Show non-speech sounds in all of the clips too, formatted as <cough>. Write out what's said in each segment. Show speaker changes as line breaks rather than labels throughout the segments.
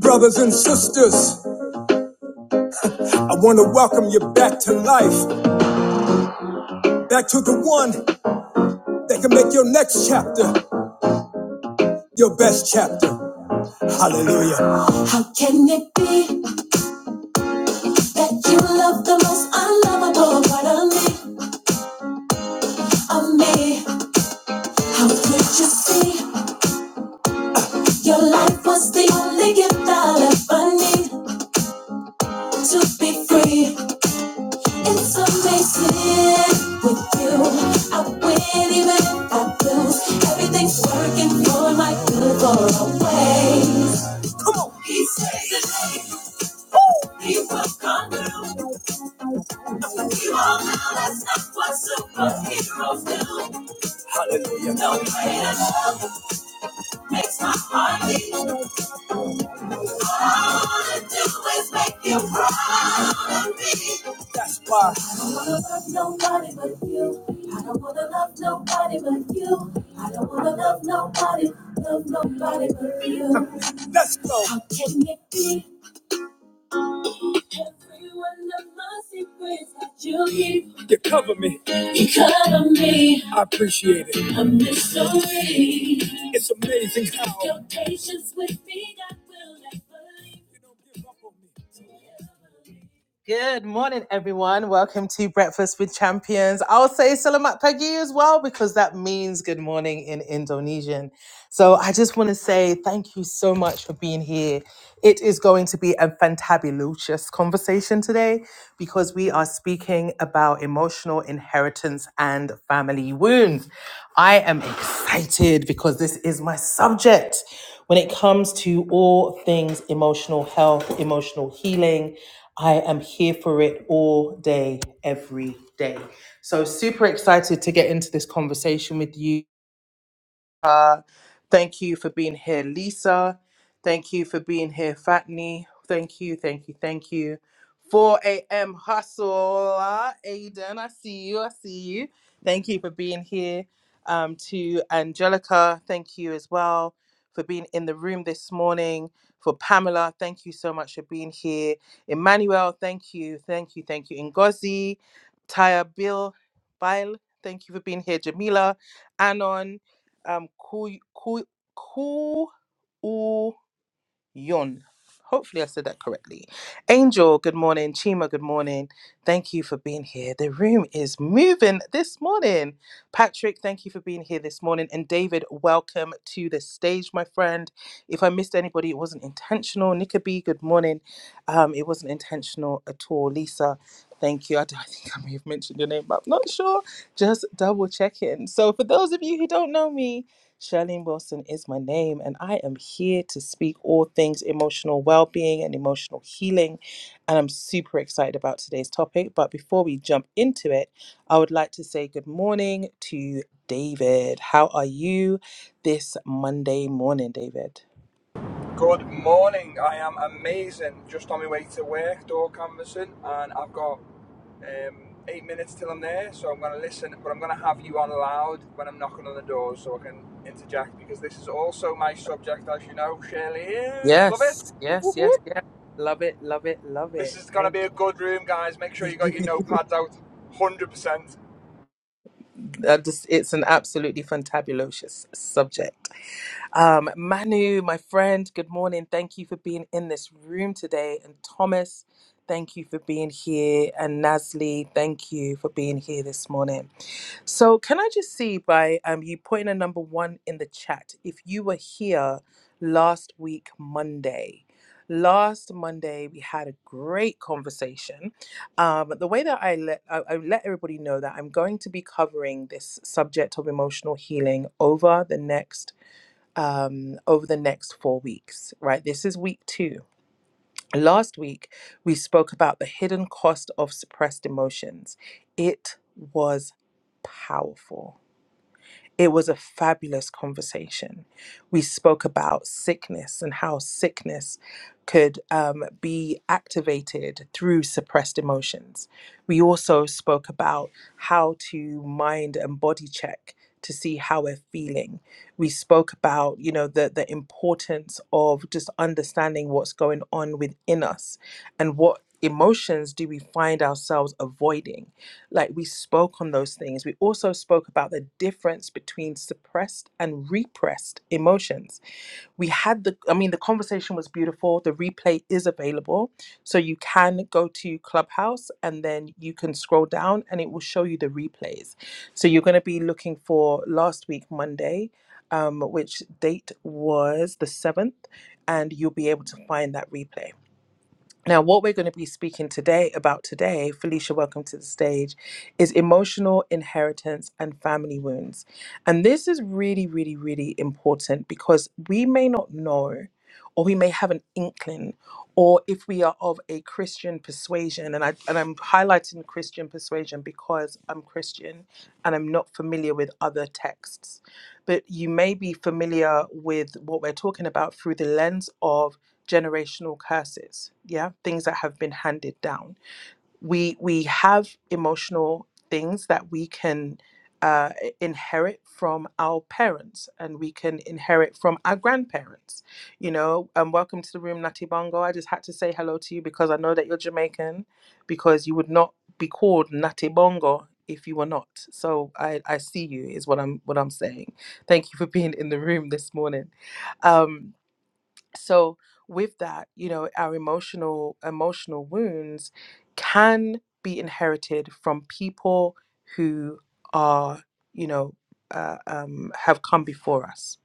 Brothers and sisters, I want to welcome you back to life, back to the one that can make your next chapter your best chapter. Hallelujah. How can it be that you love the most unlovable part of me, of me? How could you see your life was the only gift I'll ever need to be free? It's amazing with you. I win even if I lose. Everything's working for my good for always. Come on. He saves says it. He will come through. You all know that's not what superheroes do. Hallelujah. No greater love makes my heart beat. All I do is make you proud. That's why. I don't wanna love nobody but you. I don't wanna love nobody but you. I don't wanna love nobody, love nobody but you. <laughs> Let's go. How can it be? Every one of my secrets that you keep. You cover me. You cover me. I appreciate it. A mystery. It's amazing how your patience with me, God will never leave. You don't give up on me. Good morning, everyone. Welcome to Breakfast with Champions. I'll say selamat pagi as well because that means good morning in Indonesian. So I just want to say thank you so much for being here. It is going to be a fantabulous conversation today because we are speaking about emotional inheritance and family wounds. I am excited because this is my subject when it comes to all things emotional health, emotional healing. I am here for it all day, every day. So, super excited to get into this conversation with you. Thank you for being here, Lisa. Thank you for being here, Fatni. Thank you, thank you, thank you. 4 a.m. Hustle, Aiden. I see you. I see you. Thank you for being here. Um, to Angelica, thank you as well for being in the room this morning. For Pamela, thank you so much for being here. Emmanuel, thank you, thank you, thank you. Ngozi, Taya Bill, Bile, thank you for being here. Jamila, Anon, um Ku Ku Ku U Yun. Hopefully I said that correctly. Angel, good morning. Chima, good morning. Thank you for being here. The room is moving this morning. Patrick, thank you for being here this morning. And David, welcome to the stage, my friend. If I missed anybody, it wasn't intentional. Nika B, good morning. Um, it wasn't intentional at all. Lisa, thank you. I, <laughs> don't- I think I may have mentioned your name, but I'm not sure just double checking. So, for those of you who don't know me, Charlene Wilson is my name, and I am here to speak all things emotional well being and emotional healing. And I'm super excited about today's topic. But before we jump into it, I would like to say good morning to David. How are you this Monday morning, David?
Good morning. I am amazing. Just on my way to work, door canvassing, and I've got um, eight minutes till I'm there, so I'm going to listen, but I'm going to have you on loud when I'm knocking on the door so I can interject because this is also my subject, as you know, Shirley. Love
Yes,
it.
yes, yes, yes. Love it, love it, love
This
it.
is going to
Thank
be a good room, guys. Make sure you got
you. <laughs>
your notepads out 100%.
I just, it's an absolutely fantabulous subject. Um, Manu, my friend, good morning. Thank you for being in this room today. And Thomas, thank you for being here. And Nasli, thank you for being here this morning. So, can I just see by um, you putting a number one in the chat if you were here last week, Monday? Last Monday, we had a great conversation. Um, the way that I let I, I let everybody know that I'm going to be covering this subject of emotional healing over the next um, over the next four weeks. Right, this is week two. Last week, we spoke about the hidden cost of suppressed emotions. It was powerful it was a fabulous conversation. We spoke about sickness and how sickness could um, be activated through suppressed emotions. We also spoke about how to mind and body check to see how we're feeling. We spoke about, you know, the the importance of just understanding what's going on within us and what emotions do we find ourselves avoiding like we spoke on those things. We also spoke about the difference between suppressed and repressed emotions. We had the, I mean, the conversation was beautiful. The replay is available. So you can go to Clubhouse and then you can scroll down and it will show you the replays. So you're going to be looking for last week, Monday. Um, which date was the 7th, and you'll be able to find that replay. Now, what we're going to be speaking today about today, Felicia, welcome to the stage, is emotional inheritance and family wounds. And this is really, really, really important because we may not know, or we may have an inkling, or if we are of a Christian persuasion, and I and I'm highlighting Christian persuasion because I'm Christian and I'm not familiar with other texts. But you may be familiar with what we're talking about through the lens of generational curses yeah things that have been handed down we we have emotional things that we can uh, inherit from our parents and we can inherit from our grandparents you know and um, welcome to the room nati bongo i just had to say hello to you because i know that you're jamaican because you would not be called nati bongo if you were not so i i see you is what i'm what i'm saying thank you for being in the room this morning um so with that you know our emotional emotional wounds can be inherited from people who are you know uh, um, have come before us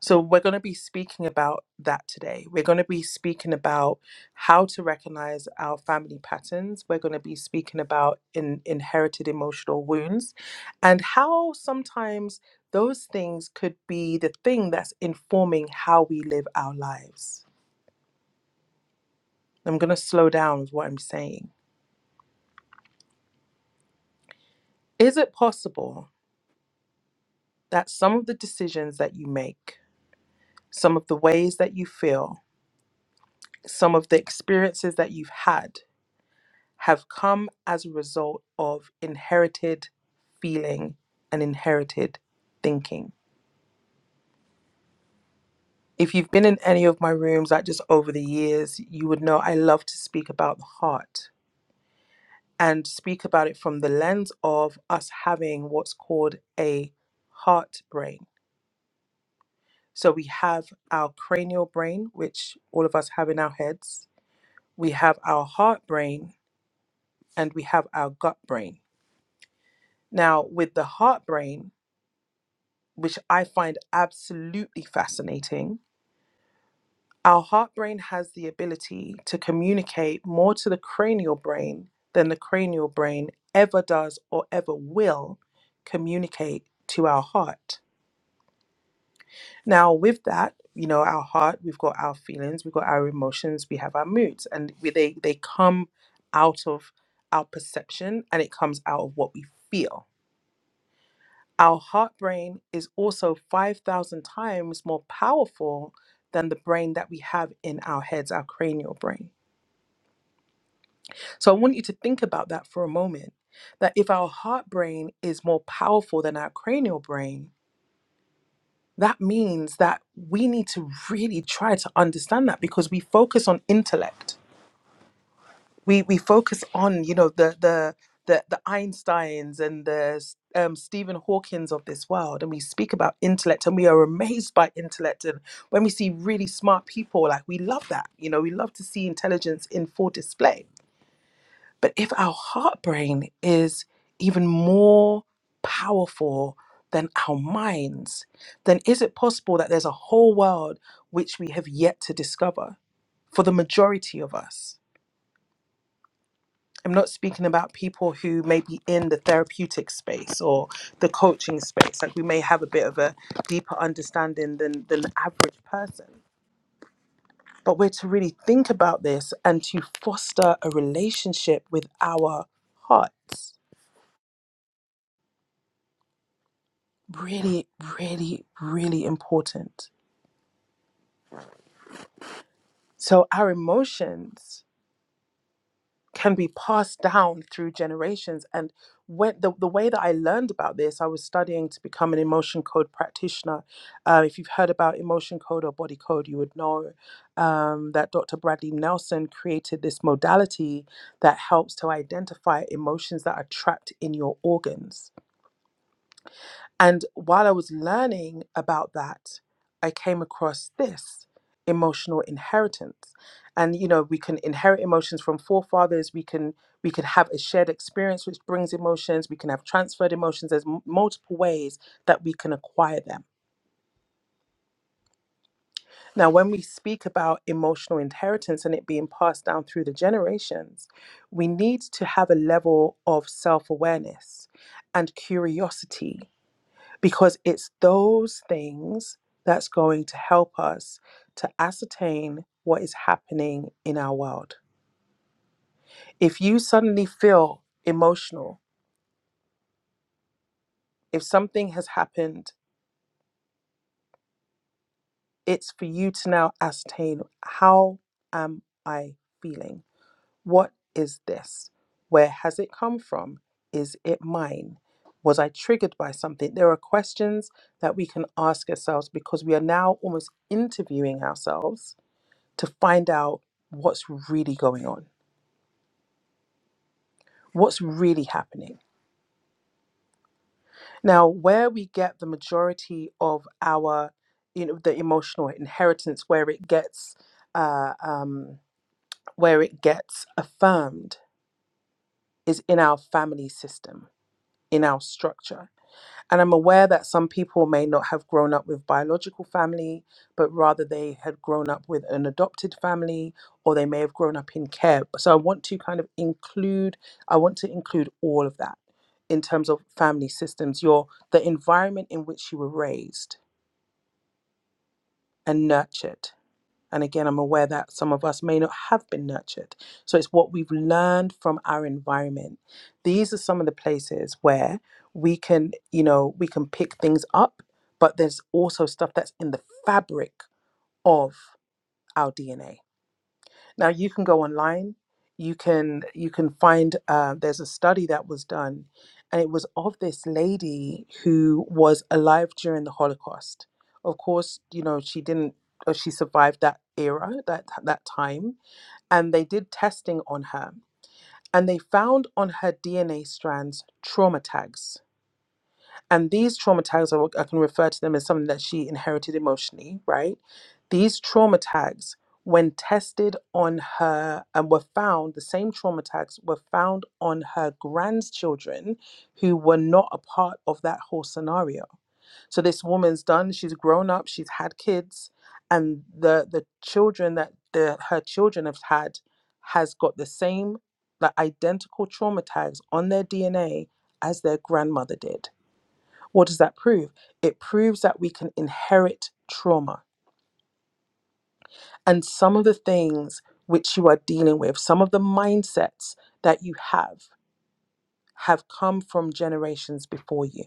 so, we're going to be speaking about that today. We're going to be speaking about how to recognize our family patterns. We're going to be speaking about in, inherited emotional wounds and how sometimes those things could be the thing that's informing how we live our lives. I'm going to slow down with what I'm saying. Is it possible that some of the decisions that you make, some of the ways that you feel, some of the experiences that you've had, have come as a result of inherited feeling and inherited thinking. If you've been in any of my rooms, like just over the years, you would know I love to speak about the heart and speak about it from the lens of us having what's called a heart brain. So we have our cranial brain, which all of us have in our heads, we have our heart brain, and we have our gut brain. Now, with the heart brain, which I find absolutely fascinating, our heart brain has the ability to communicate more to the cranial brain than the cranial brain ever does or ever will communicate to our heart. Now, with that, you know, our heart, we've got our feelings, we've got our emotions, we have our moods, and we, they, they come out of our perception and it comes out of what we feel Our heart brain is also 5,000 times more powerful than the brain that we have in our heads, our cranial brain. So I want you to think about that for a moment that if our heart brain is more powerful than our cranial brain, that means that we need to really try to understand that because we focus on intellect. we we focus on you know the the the, the Einsteins and the s- um, Stephen Hawkins of this world, and we speak about intellect, and we are amazed by intellect. And when we see really smart people, like we love that, you know, we love to see intelligence in full display. But if our heart brain is even more powerful than our minds, then is it possible that there's a whole world which we have yet to discover for the majority of us? I'm not speaking about people who may be in the therapeutic space or the coaching space. Like we may have a bit of a deeper understanding than, than the average person. But we're to really think about this and to foster a relationship with our hearts. Really, really, really important. So our emotions can be passed down through generations. And when the, the way that I learned about this, I was studying to become an emotion code practitioner. Uh, if you've heard about emotion code or body code, you would know um, that Dr. Bradley Nelson created this modality that helps to identify emotions that are trapped in your organs. And while I was learning about that, I came across this emotional inheritance. And you know, we can inherit emotions from forefathers. We can we can have a shared experience which brings emotions. We can have transferred emotions. There's m- multiple ways that we can acquire them. Now, when we speak about emotional inheritance and it being passed down through the generations, we need to have a level of self awareness and curiosity because it's those things that's going to help us to ascertain what is happening in our world. If you suddenly feel emotional, if something has happened, it's for you to now ascertain how am I feeling? What is this? Where has it come from? Is it mine? Was I triggered by something? There are questions that we can ask ourselves because we are now almost interviewing ourselves to find out what's really going on, what's really happening. Now, where we get the majority of our, you know, the emotional inheritance, where it gets, uh, um, where it gets affirmed, is in our family system, in our structure And I'm aware that some people may not have grown up with biological family, but rather they had grown up with an adopted family or they may have grown up in care. So I want to kind of include, I want to include all of that in terms of family systems, your the environment in which you were raised and nurtured and again, I'm aware that some of us may not have been nurtured. So it's what we've learned from our environment. These are some of the places where we can, you know, we can pick things up, but there's also stuff that's in the fabric of our DNA now you can go online. You can you can find uh, there's a study that was done, and it was of this lady who was alive during the Holocaust. Of course, you know she didn't or she survived that era that that time, and they did testing on her, and they found on her DNA strands trauma tags and these trauma tags I, will- I can refer to them as something that she inherited emotionally right these trauma tags when tested on her and were found the same trauma tags were found on her grandchildren who were not a part of that whole scenario so this woman's done she's grown up she's had kids and the the children that the her children have had has got the same like identical trauma tags on their dna as their grandmother did what does that prove? It proves that we can inherit trauma. And some of the things which you are dealing with, some of the mindsets that you have, have come from generations before you.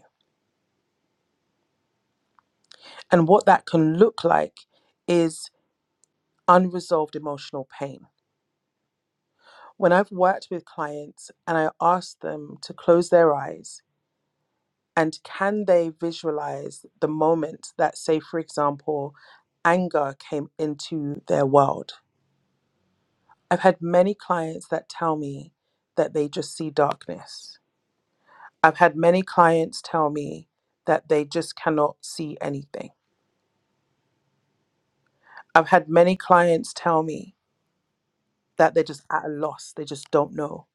And what that can look like is unresolved emotional pain. When I've worked with clients and I ask them to close their eyes and can they visualize the moment that, say, for example, anger came into their world? I've had many clients that tell me that they just see darkness. I've had many clients tell me that they just cannot see anything. I've had many clients tell me that they're just at a loss, they just don't know.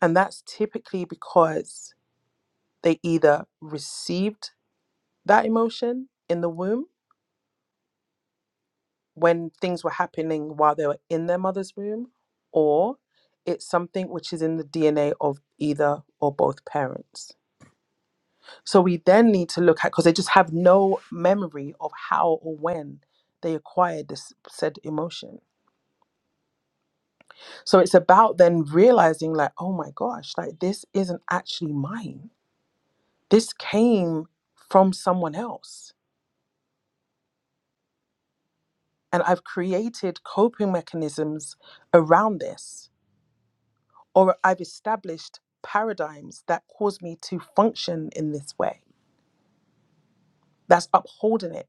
And that's typically because they either received that emotion in the womb when things were happening while they were in their mother's womb, or it's something which is in the DNA of either or both parents. So we then need to look at because they just have no memory of how or when they acquired this said emotion. So it's about then realizing like, oh my gosh, like this isn't actually mine. This came from someone else. And I've created coping mechanisms around this, or I've established paradigms that cause me to function in this way. that's upholding it.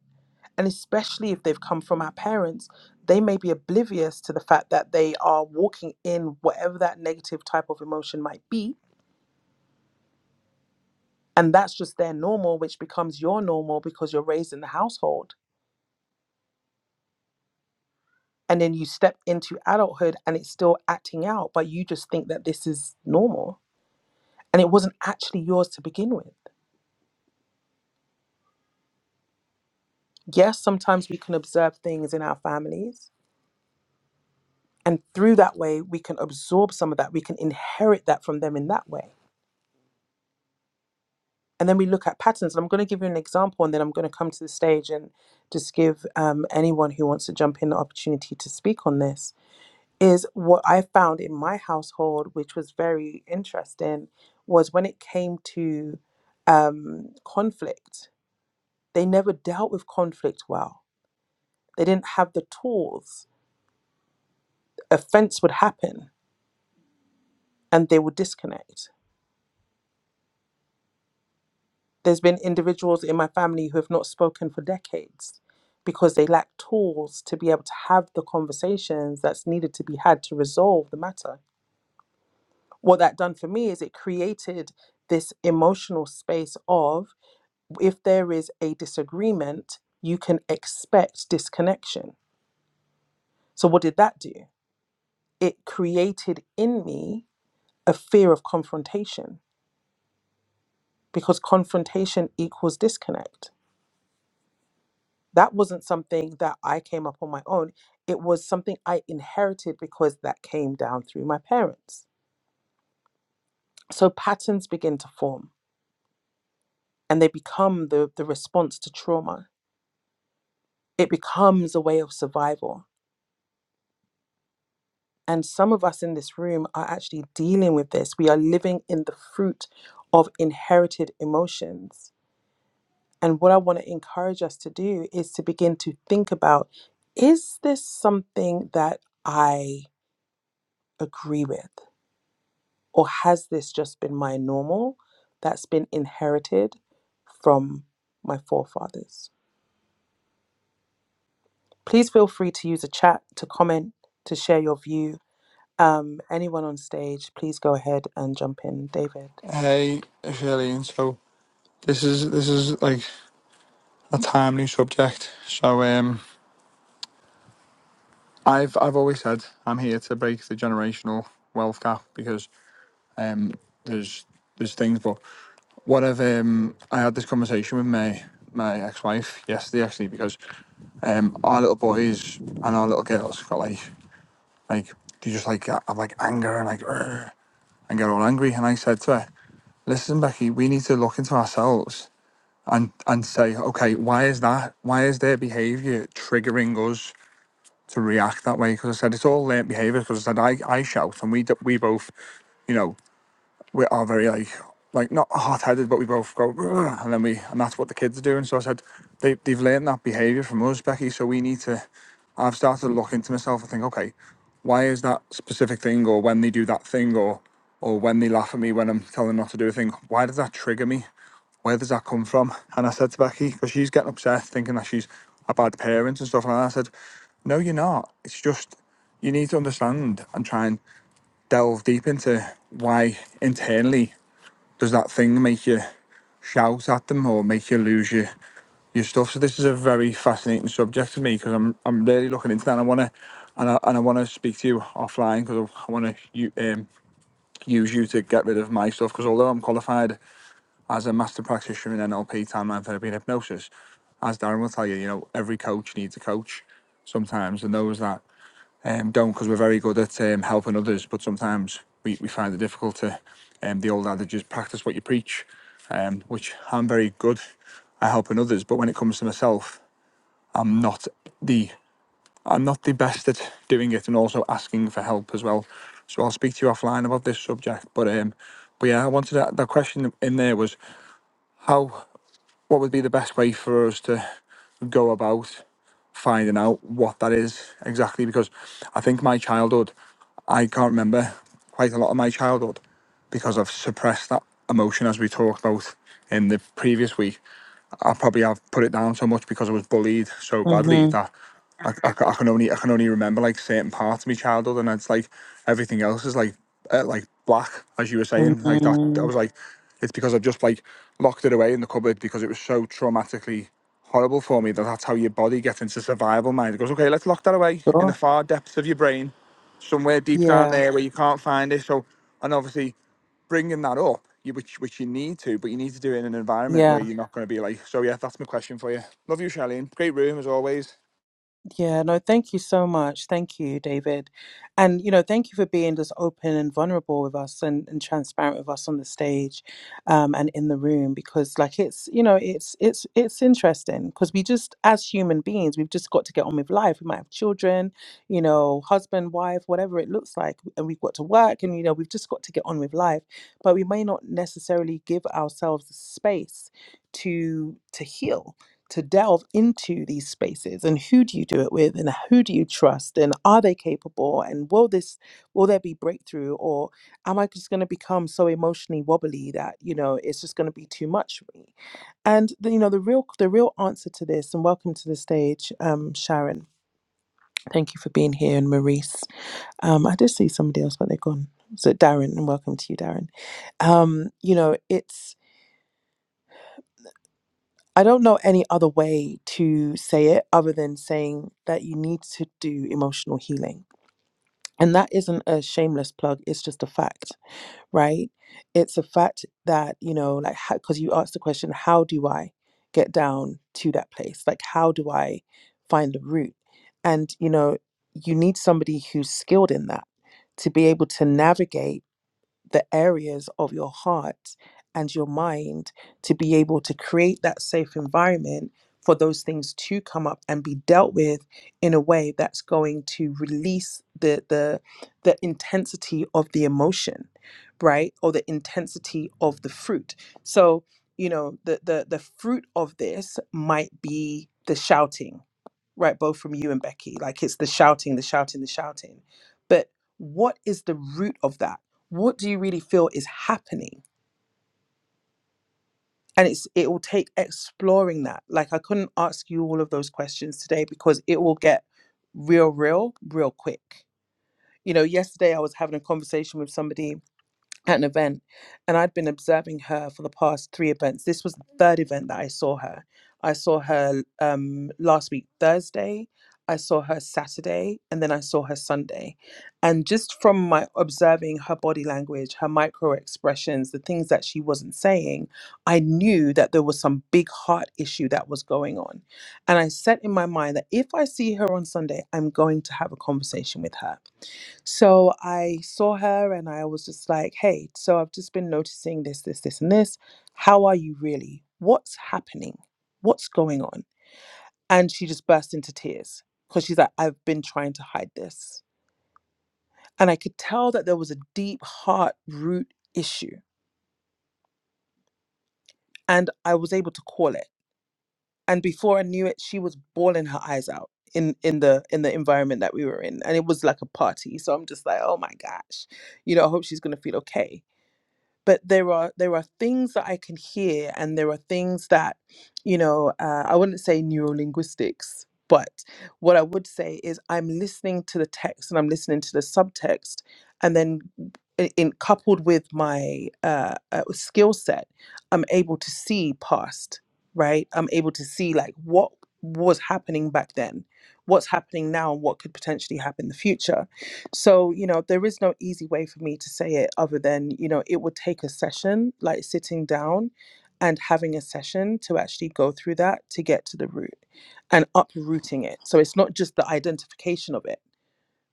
And especially if they've come from our parents, they may be oblivious to the fact that they are walking in whatever that negative type of emotion might be. And that's just their normal, which becomes your normal because you're raised in the household. And then you step into adulthood and it's still acting out, but you just think that this is normal. And it wasn't actually yours to begin with. Yes, sometimes we can observe things in our families. And through that way, we can absorb some of that. We can inherit that from them in that way and then we look at patterns. And I'm going to give you an example, and then I'm going to come to the stage and just give um, anyone who wants to jump in the opportunity to speak on this. Is what I found in my household, which was very interesting, was when it came to um, conflict, they never dealt with conflict well. They didn't have the tools. Offense would happen and they would disconnect There's been individuals in my family who have not spoken for decades because they lack tools to be able to have the conversations that's needed to be had to resolve the matter. What that done for me is it created this emotional space of if there is a disagreement, you can expect disconnection. So, what did that do? It created in me a fear of confrontation because confrontation equals disconnect that wasn't something that I came up on my own. It was something I inherited because that came down through my parents. So patterns begin to form and they become the, the response to trauma. It becomes a way of survival. And some of us in this room are actually dealing with this. We are living in the fruit of inherited emotions. And what I want to encourage us to do is to begin to think about is this something that I agree with? Or has this just been my normal that's been inherited from my forefathers? Please feel free to use a chat, to comment, to share your view. Um, anyone on stage, please go ahead and jump in. David.
Hey, Shirley. So this is this is like a timely subject. So um, I've I've always said I'm here to break the generational wealth gap because um there's there's things but what I've um I had this conversation with my my ex-wife yesterday actually because um our little boys and our little girls got like like they just like have like anger and like "Arr," and get all angry and I said to her listen Becky we need to look into ourselves and and say okay why is that why is their behavior triggering us to react that way because I said it's all learnt behaviour. Because I said I, I shout and we we both, you know, we're very like like not hot headed, but we both go "Ugh," and then we and that's what the kids are doing. So I said they they've learned that behaviour from us, Becky. So we need to. I've started to look into myself and think, okay, why is that specific thing, or when they do that thing, or or when they laugh at me when I'm telling them not to do a thing, why does that trigger me? Where does that come from? And I said to Becky, because she's getting upset, thinking that she's a bad parent and stuff. And I said, no, you're not. It's just you need to understand and try and delve deep into why internally does that thing make you shout at them or make you lose your your stuff. So this is a very fascinating subject to me because I'm I'm really looking into that. And I want to and I, and I want to speak to you offline because I want to um, use you to get rid of my stuff. Because although I'm qualified as a master practitioner in NLP, timeline therapy, and hypnosis, as Darren will tell you, you know every coach needs a coach sometimes, and those that um, don't because we're very good at um, helping others, but sometimes we, we find it difficult to. Um, the old adage is practice what you preach, um, which I'm very good at helping others, but when it comes to myself, I'm not the I'm not the best at doing it, and also asking for help as well. So I'll speak to you offline about this subject, but um, but yeah, I wanted that, that question in there was how what would be the best way for us to go about finding out what that is exactly because I think my childhood, I can't remember quite a lot of my childhood because I've suppressed that emotion as we talked about in the previous week. I probably have put it down so much because I was bullied so badly
Mm-hmm.
that I, I, ca- I can only I can only remember like certain parts of my childhood, and it's like everything else is like uh, like black, as you were saying, like that. I
mm-hmm.
was like, it's because I've just like locked it away in the cupboard because it was so traumatically. Horrible for me that that's how your body gets into survival mode. It goes, okay, let's lock that away in the
Sure.
far depths of your brain, somewhere deep down
Yeah.
there where you can't find it. So, and obviously bringing that up, you, which which you need to, but you need to do it in an environment where
Yeah.
you're not going to be like. So yeah, that's my question for you. Love you, Charlene. Great room as always.
Yeah, no, thank you so much. Thank you, David. And, you know, thank you for being just open and vulnerable with us and, and transparent with us on the stage um, and in the room because like it's, you know, it's it's it's interesting because we just as human beings, we've just got to get on with life. We might have children, you know, husband, wife, whatever it looks like, and we've got to work and you know, we've just got to get on with life. But we may not necessarily give ourselves the space to to heal to delve into these spaces and who do you do it with and who do you trust and are they capable and will this will there be breakthrough or am i just going to become so emotionally wobbly that you know it's just going to be too much for me and the, you know the real the real answer to this and welcome to the stage um sharon thank you for being here and maurice um i did see somebody else but they're gone so darren and welcome to you darren um you know it's I don't know any other way to say it other than saying that you need to do emotional healing. And that isn't a shameless plug, it's just a fact, right? It's a fact that, you know, like, because you asked the question, how do I get down to that place? Like, how do I find the root? And, you know, you need somebody who's skilled in that to be able to navigate the areas of your heart and your mind to be able to create that safe environment for those things to come up and be dealt with in a way that's going to release the the the intensity of the emotion right or the intensity of the fruit so you know the the the fruit of this might be the shouting right both from you and becky like it's the shouting the shouting the shouting but what is the root of that what do you really feel is happening and it's it will take exploring that like i couldn't ask you all of those questions today because it will get real real real quick you know yesterday i was having a conversation with somebody at an event and I'd been observing her for the past three events. This was the third event that I saw her. I saw her um, last week, Thursday. I saw her Saturday and then I saw her Sunday. And just from my observing her body language, her micro expressions, the things that she wasn't saying, I knew that there was some big heart issue that was going on. And I set in my mind that if I see her on Sunday, I'm going to have a conversation with her. So I saw her and I was just like, hey, so I've just been noticing this, this, this, and this. How are you really? What's happening? What's going on? And she just burst into tears because she's like, I've been trying to hide this. And I could tell that there was a deep heart root issue. And I was able to call it. And before I knew it, she was bawling her eyes out in in the in the environment that we were in. And it was like a party. So I'm just like, oh my gosh, you know, I hope she's gonna feel okay but there are there are things that I can hear, and there are things that, you know, uh, I wouldn't say neurolinguistics, but what I would say is I'm listening to the text and I'm listening to the subtext, and then i- in coupled with my uh, uh, skill set, I'm able to see past, right? I'm able to see like what was happening back then, what's happening now, and what could potentially happen in the future so, you know, there is no easy way for me to say it other than, you know, it would take a session, like sitting down and having a session to actually go through that to get to the root and uprooting it. So it's not just the identification of it.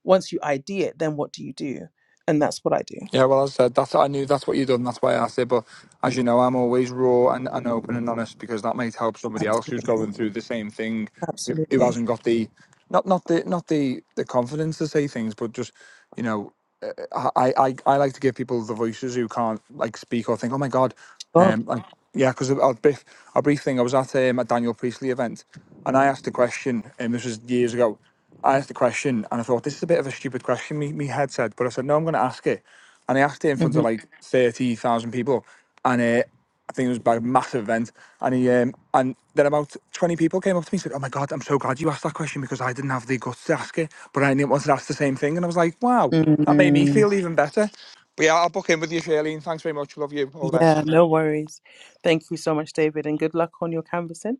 Once you ID it, then what do you do? And that's what I do.
Yeah, well, as I said that's I knew that's what you'd done. That's why I asked it. But as you know, I'm always raw and, and open and honest because that might help somebody else who's
Absolutely.
going through the same thing, who who
Absolutely.
hasn't got the not not the not the the confidence to say things, but just you know, uh, I I I like to give people the voices who can't like speak or think. Oh my god,
Sure.
um, like yeah, because a, a brief a brief thing. I was at um, a Daniel Priestley event, and I asked a question, and this was years ago. I asked the question and I thought, this is a bit of a stupid question, me, me head said, but I said, no, I'm going to ask it. And I asked it in front of like 30,000 people. And uh, I think it was about a massive event. And he, um, and then about 20 people came up to me and said, oh my God, I'm so glad you asked that question because I didn't have the guts to ask it, but I didn't want to ask the same thing. And I was like, wow, that made me
hmm
feel even better. But yeah, I'll book in with you, Shirley. And thanks very much. Love you. All the
Yeah,
best.
no worries. Thank you so much, David, and good luck on your canvassing.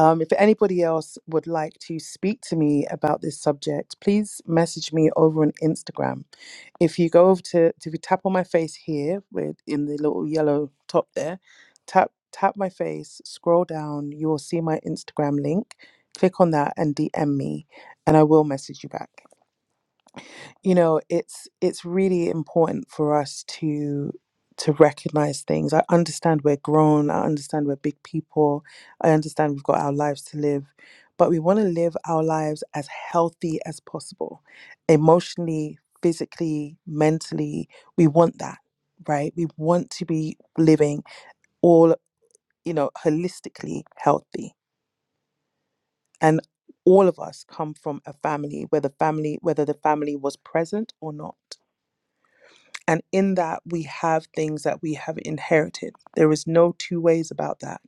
Um, if anybody else would like to speak to me about this subject, please message me over on Instagram. If you go over to, if you tap on my face here, with in the little yellow top there, tap tap my face, scroll down, you will see my Instagram link. Click on that and DM me, and I will message you back you know it's it's really important for us to to recognize things i understand we're grown i understand we're big people i understand we've got our lives to live but we want to live our lives as healthy as possible emotionally physically mentally we want that right we want to be living all you know holistically healthy and all of us come from a family whether family whether the family was present or not And in that, we have things that we have inherited. There is no two ways about that.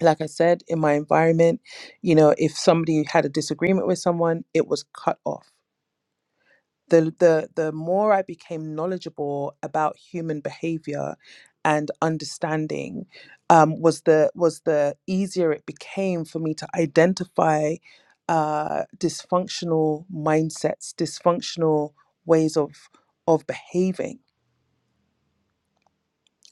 Like I said, in my environment, you know, if somebody had a disagreement with someone, it was cut off. The, the, the more I became knowledgeable about human behavior and understanding, um, was the was the easier it became for me to identify uh, dysfunctional mindsets, dysfunctional ways of of behaving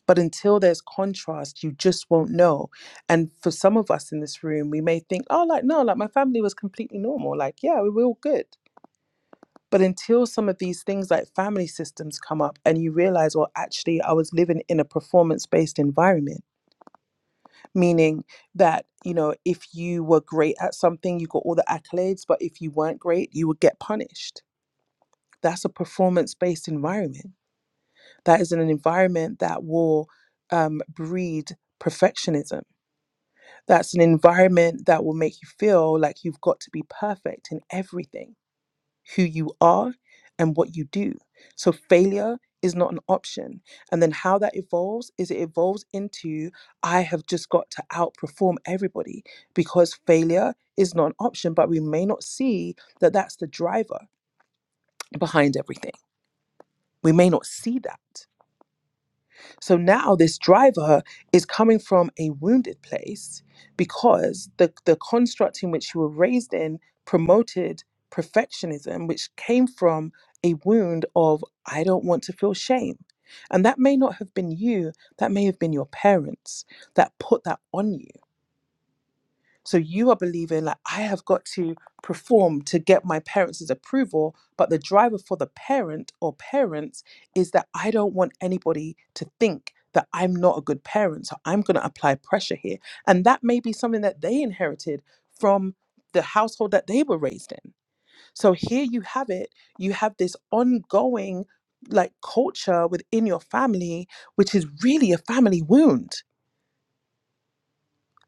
But until there's contrast, you just won't know. And for some of us in this room, we may think, oh, like, no, like my family was completely normal. Like, yeah, we were all good. But until some of these things like family systems come up and you realize, well, actually, I was living in a performance based environment, meaning that, you know, if you were great at something, you got all the accolades, but if you weren't great, you would get punished. That's a performance based environment. That is an environment that will um, breed perfectionism That's an environment that will make you feel like you've got to be perfect in everything, who you are and what you do. So failure is not an option. And then how that evolves is it evolves into I have just got to outperform everybody because failure is not an option, but we may not see that that's the driver behind everything. We may not see that. So now this driver is coming from a wounded place because the, the construct in which you were raised in promoted perfectionism, which came from a wound of, I don't want to feel shame. And that may not have been you, that may have been your parents that put that on you. So you are believing like I have got to perform to get my parents' approval, but the driver for the parent or parents is that I don't want anybody to think that I'm not a good parent. So I'm going to apply pressure here. And that may be something that they inherited from the household that they were raised in. So here you have it. You have this ongoing like culture within your family, which is really a family wound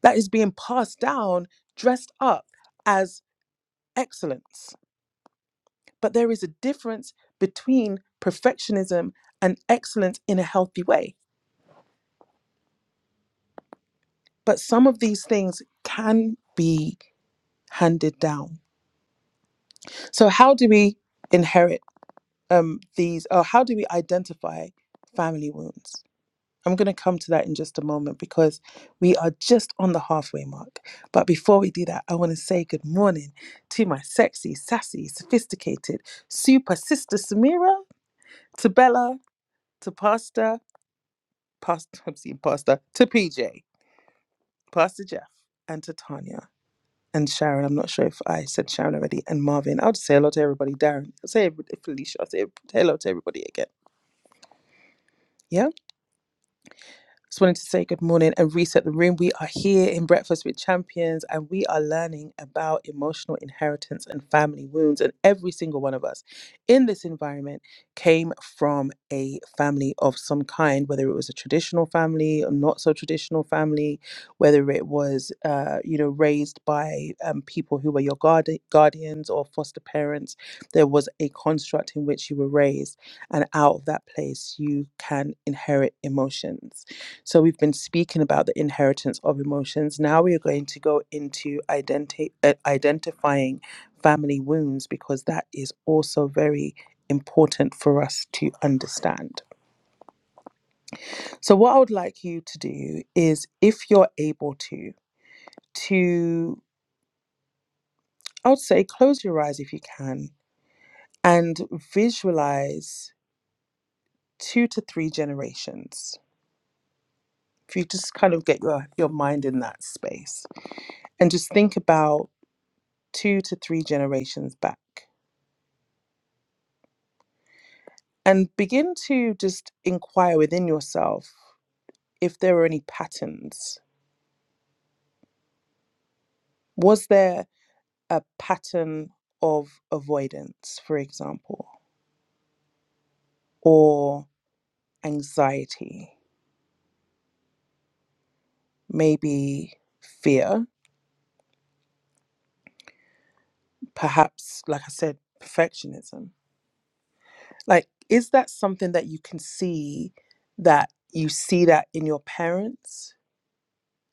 that is being passed down, dressed up. as excellence. But there is a difference between perfectionism and excellence in a healthy way. But some of these things can be handed down. So, how do we inherit um, these, or how do we identify family wounds? I'm going to come to that in just a moment because we are just on the halfway mark. But before we do that, I want to say good morning to my sexy, sassy, sophisticated, super sister Samira, to Bella, to Pastor, past <laughs> I'm seeing pastor to PJ, Pastor Jeff, and to Tanya and Sharon. I'm not sure if I said Sharon already, and Marvin. I'll just say hello to everybody. Darren, I'll say every- Felicia. I'll say hello to everybody again. Yeah. Just wanted to say good morning and reset the room. We are here in Breakfast with Champions and we are learning about emotional inheritance and family wounds. And every single one of us in this environment came from a family of some kind, whether it was a traditional family or not so traditional family, whether it was, uh, you know, raised by um, people who were your guard- guardians or foster parents. There was a construct in which you were raised, and out of that place, you can inherit emotions so we've been speaking about the inheritance of emotions. Now we are going to go into identi- uh, identifying family wounds because that is also very important for us to understand. So what I would like you to do is if you're able to to I would say close your eyes if you can and visualize 2 to 3 generations. If you just kind of get your your mind in that space and just think about two to three generations back and begin to just inquire within yourself if there were any patterns. Was there a pattern of avoidance, for example, or anxiety, maybe fear, perhaps, like I said, perfectionism? Like, is that something that you can see that you see that in your parents?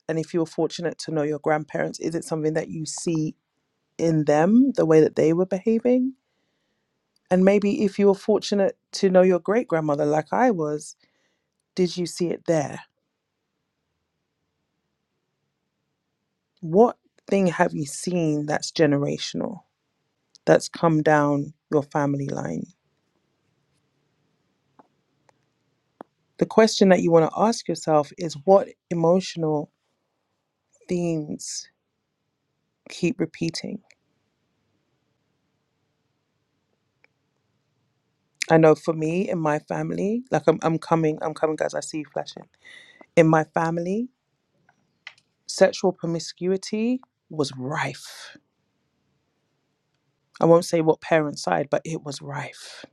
And if you were fortunate to know your grandparents, is it something that you see in them the way that they were behaving and maybe if you were fortunate to know your great grandmother like i was did you see it there what thing have you seen that's generational that's come down your family line the question that you want to ask yourself is what emotional themes keep repeating i know for me in my family like i'm, I'm coming i'm coming guys i see you flashing in my family sexual promiscuity was rife I won't say what parent's side, but it was rife.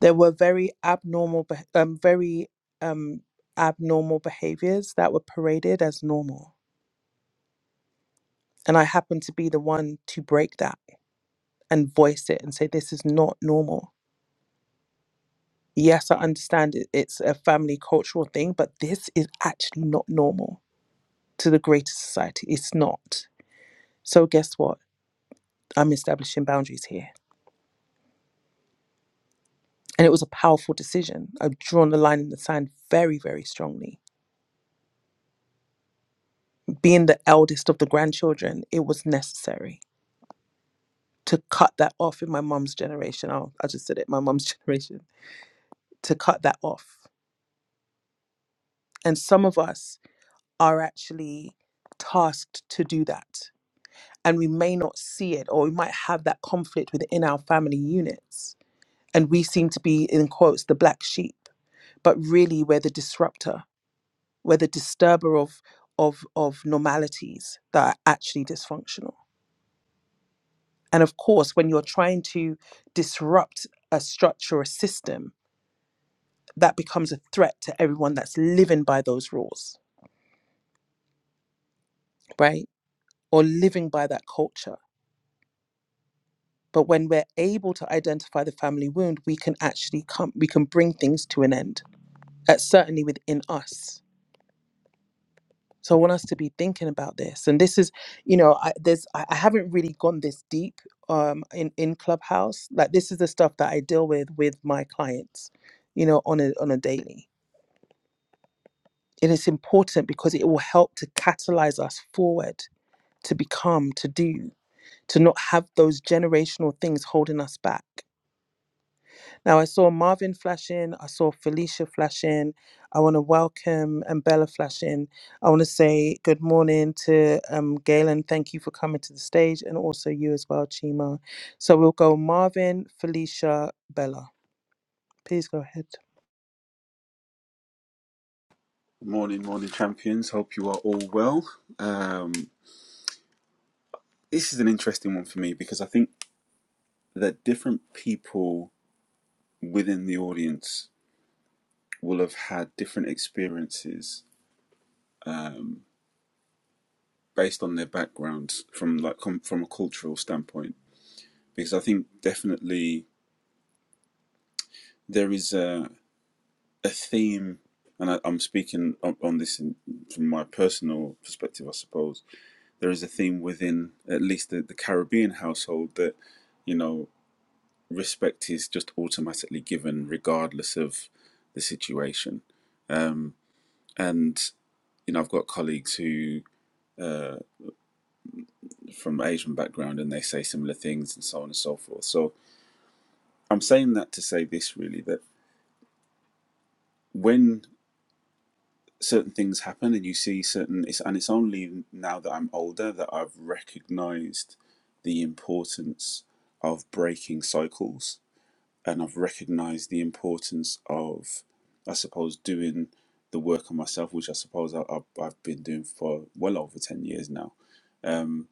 There were very abnormal, beh- um, very um, abnormal behaviors that were paraded as normal, and I happened to be the one to break that and voice it and say this is not normal. Yes, I understand it, it's a family cultural thing, but this is actually not normal to the greater society. It's not. So guess what? I'm establishing boundaries here. And it was a powerful decision. I've drawn the line in the sand very, very strongly being the eldest of the grandchildren, it was necessary to cut that off in my mum's generation. Oh, I just said it, my mum's <laughs> generation, to cut that off. And some of us are actually tasked to do that. And we may not see it, or we might have that conflict within our family units. And we seem to be, in quotes, the black sheep. But really, we're the disruptor, we're the disturber of, of, of normalities that are actually dysfunctional And of course, when you're trying to disrupt a structure or a system, that becomes a threat to everyone that's living by those rules, right? Or living by that culture. But when we're able to identify the family wound, we can actually come, we can bring things to an end. That's certainly within us. So I want us to be thinking about this. And this is, you know, I, there's I I haven't really gone this deep um, in in Clubhouse. Like this is the stuff that I deal with with my clients, you know, on a on a daily. And it's important because it will help to catalyze us forward to become, to do, to not have those generational things holding us back. Now, I saw Marvin flash in, I saw Felicia flash in. I want to welcome and Bella flash in. I want to say good morning to um, Galen. Thank you for coming to the stage and also you as well, Chima. So we'll go Marvin, Felicia, Bella. Please go ahead.
Morning, morning, champions. Hope you are all well. Um, this is an interesting one for me because I think that different people within the audience will have had different experiences based on their backgrounds from like com- from a cultural standpoint. Because I think definitely there is a a theme, and I, I'm speaking on, on this in, from my personal perspective, I suppose. There is a theme within at least the, the Caribbean household that you know respect is just automatically given regardless of the situation. And you know, I've got colleagues who from Asian background and they say similar things and so on and so forth. So I'm saying that to say this really that when certain things happen and you see certain it's and it's only now that I'm older that I've recognized the importance of breaking cycles and I've recognized the importance of, I suppose, doing the work on myself, which I suppose I, I've, I've been doing for well over 10 years now. Um,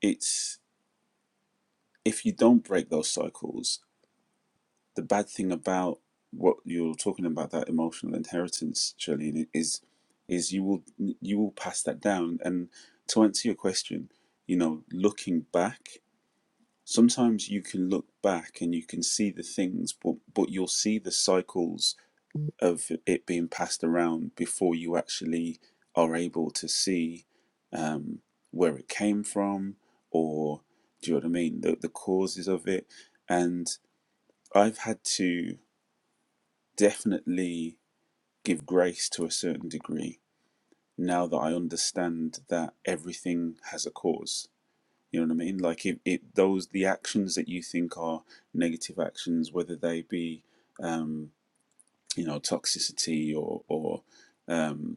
it's if you don't break those cycles, the bad thing about what you're talking about, that emotional inheritance, Charlene, is is you will you will pass that down. And to answer your question, you know, looking back, sometimes you can look back and you can see the things, but but you'll see the cycles of it being passed around before you actually are able to see um, where it came from or do you know what I mean? The, the causes of it. And I've had to definitely give grace to a certain degree now that I understand that everything has a cause. You know what I mean? Like if it those the actions that you think are negative actions, whether they be um, you know toxicity or or um.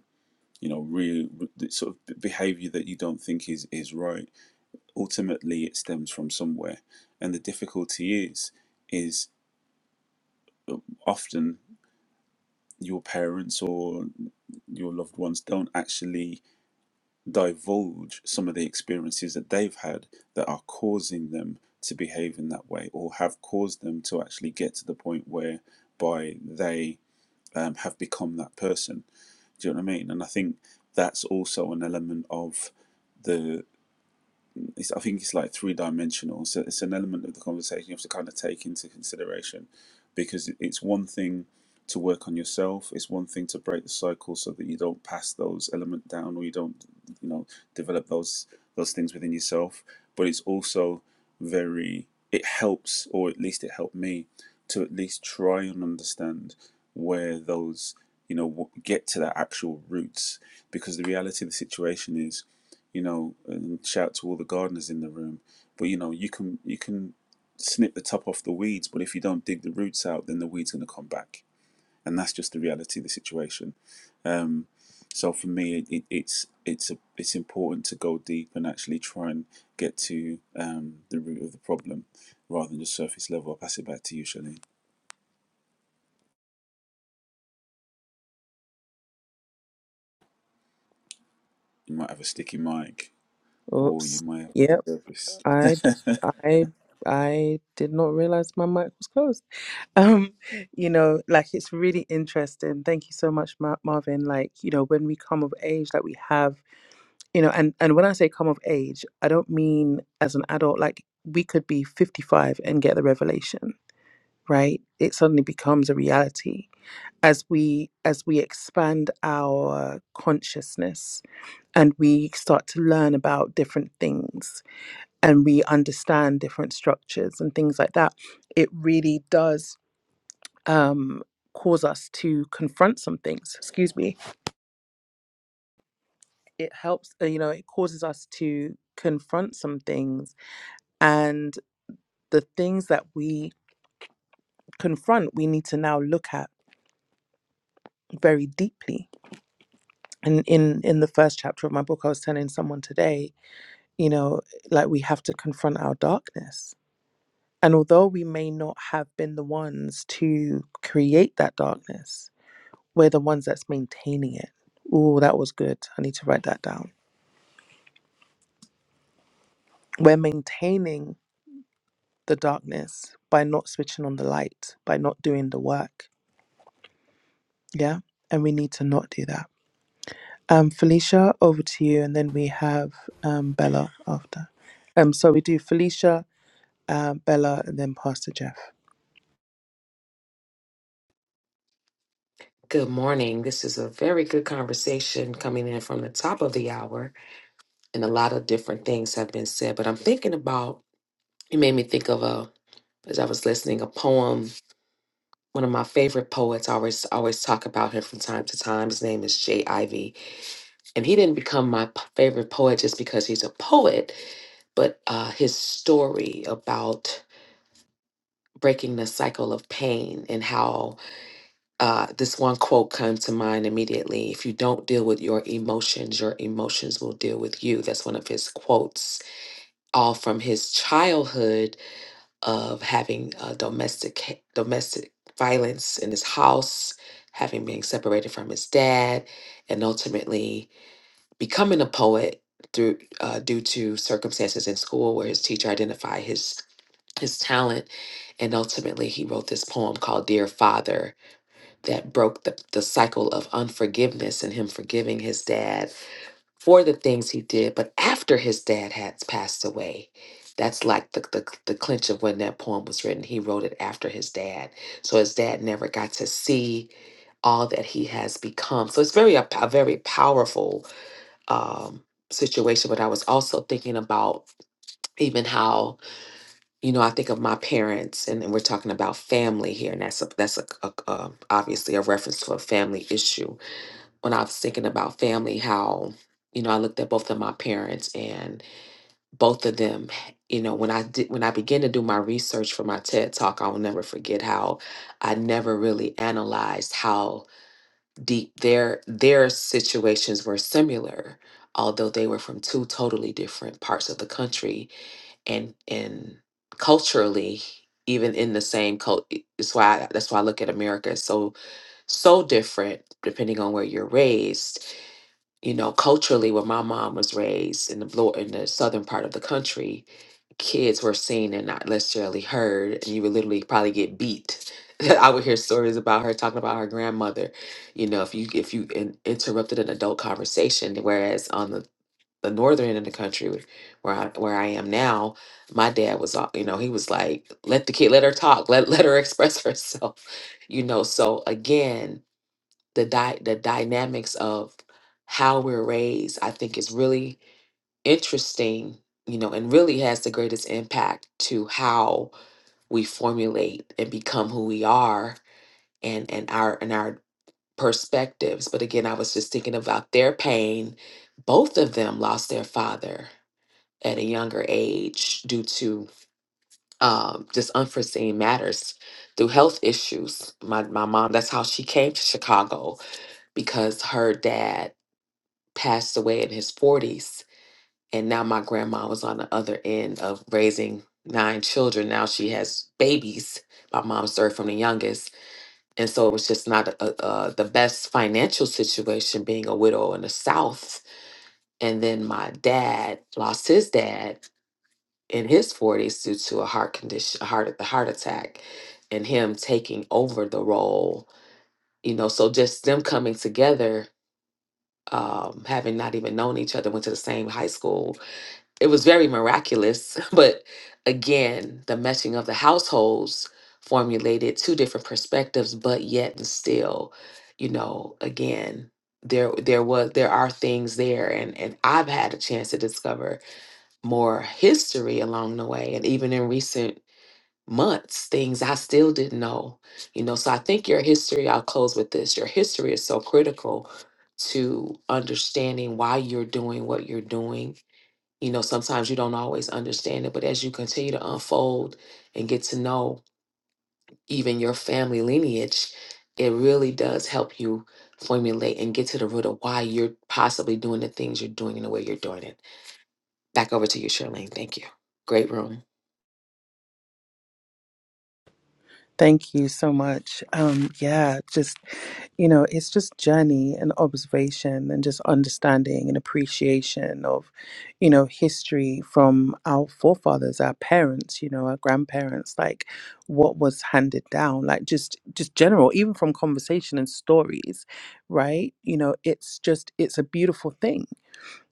you know real sort of behavior that you don't think is is right ultimately it stems from somewhere and the difficulty is is often your parents or your loved ones don't actually divulge some of the experiences that they've had that are causing them to behave in that way or have caused them to actually get to the point where by they um, have become that person do you know what i mean and i think that's also an element of the. um, it's, I think it's like three dimensional. So it's an element of the conversation you have to kind of take into consideration because it's one thing to work on yourself. It's one thing to break the cycle so that you don't pass those element down or you don't, you know, develop those those things within yourself. But it's also very it helps, or at least it helped me to at least try and understand where those you know wh- get to their actual roots because the reality of the situation is you know, and shout to all the gardeners in the room. But you know, you can you can snip the top off the weeds, but if you don't dig the roots out, then the weeds going to come back, and that's just the reality of the situation. Um, so for me, it, it's it's a, it's important to go deep and actually try and get to um, the root of the problem rather than just surface level. I'll pass it back to you, Shalene. You might have a sticky mic, or you
Oops.
might have
Yep.
a
I
surface. <laughs>
I I did not realize my mic was closed. <laughs> Um, you know, like it's really interesting. Thank you so much, Mar- Marvin. Like, you know, when we come of age, like we have, you know, and and when I say come of age, I don't mean as an adult. Like we could be fifty five and get the revelation, right? It suddenly becomes a reality as we as we expand our consciousness and we start to learn about different things and we understand different structures and things like that, it really does um, cause us to confront some things. Excuse me. It helps, uh, you know, it causes us to confront some things. And the things that we confront, we need to now look at very deeply. And in, in the first chapter of my book, I was telling someone today, you know, like we have to confront our darkness. And although we may not have been the ones to create that darkness, We're the ones that's maintaining it. Ooh, that was good. I need to write that down. We're maintaining the darkness by not switching on the light, by not doing the work. Yeah. And we need to not do that. Um, Felicia, over to you. And then we have um, Bella after. Um, so we do Felicia, um, Bella, and then Pastor Jeff.
Good morning. This is a very good conversation coming in from the top of the hour, and a lot of different things have been said. But I'm thinking about it made me think of a as I was listening a poem. One of my favorite poets I always I always talk about him from time to time. His name is Jay Ivy, and he didn't become my p- favorite poet just because he's a poet, but uh, his story about breaking the cycle of pain and how uh, this one quote comes to mind immediately. If you don't deal with your emotions, your emotions will deal with you. That's one of his quotes, all from his childhood of having uh, domestic domestic violence in his house, having been separated from his dad, and ultimately becoming a poet through uh, due to circumstances in school where his teacher identified his his talent, and ultimately he wrote this poem called "Dear Father." that broke the, the cycle of unforgiveness and him forgiving his dad for the things he did. But after his dad had passed away, that's like the, the, the clinch of when that poem was written. He wrote it after his dad. So his dad never got to see all that he has become. So it's very a, a very powerful um, situation. But I was also thinking about even how, you know, I think of my parents and, and we're talking about family here. And that's, a, that's a, a, a, obviously a reference to a family issue when I was thinking about family, how you know I looked at both of my parents and both of them. You know, when I did when I began to do my research for my TED talk, I'll never forget how I never really analyzed how deep their their situations were similar, although they were from two totally different parts of the country and and culturally even in the same culture. That's why that's why I look at America as so so different depending on where you're raised you know, culturally, where my mom was raised in the lower, in the southern part of the country, kids were seen and not necessarily heard, and you would literally probably get beat. <laughs> I would hear stories about her talking about her grandmother, you know, if you if you in, interrupted an adult conversation. Whereas on the the northern end of the country, wh- where I where I am now, my dad was, all- you know, he was like, let the kid, let her talk, let <laughs> let her express herself, <laughs> you know. So again, the di- the dynamics of how we're raised i think is really interesting you know and really has the greatest impact to how we formulate and become who we are and and our and our perspectives but again i was just thinking about their pain both of them lost their father at a younger age due to um, just unforeseen matters through health issues my, my mom that's how she came to chicago because her dad passed away in his 40s. And now my grandma was on the other end of raising nine children. Now she has babies. My mom's third from the youngest. And so it was just not a, a, the best financial situation being a widow in the South. And then my dad lost his dad in his 40s due to a heart condition, a heart, a heart attack, and him taking over the role. You know, so just them coming together, um, having not even known each other, went to the same high school, it was very miraculous. <laughs> But again, the meshing of the households formulated two different perspectives, but yet and still, you know, again, there there was there are things there and and I've had a chance to discover more history along the way and even in recent months things I still didn't know. You know, so I think your history, I'll close with this. Your history is so critical to understanding why you're doing what you're doing you know, sometimes you don't always understand it, but as you continue to unfold and get to know even your family lineage, it really does help you formulate and get to the root of why you're possibly doing the things you're doing and the way you're doing it. Back over to you, Charlene. Thank you. Great room.
Thank you so much. Um, yeah, just you know, it's just journey and observation and just understanding and appreciation of, you know, history from our forefathers, our parents, you know, our grandparents, like what was handed down, like just just general, even from conversation and stories, right? You know, it's just it's a beautiful thing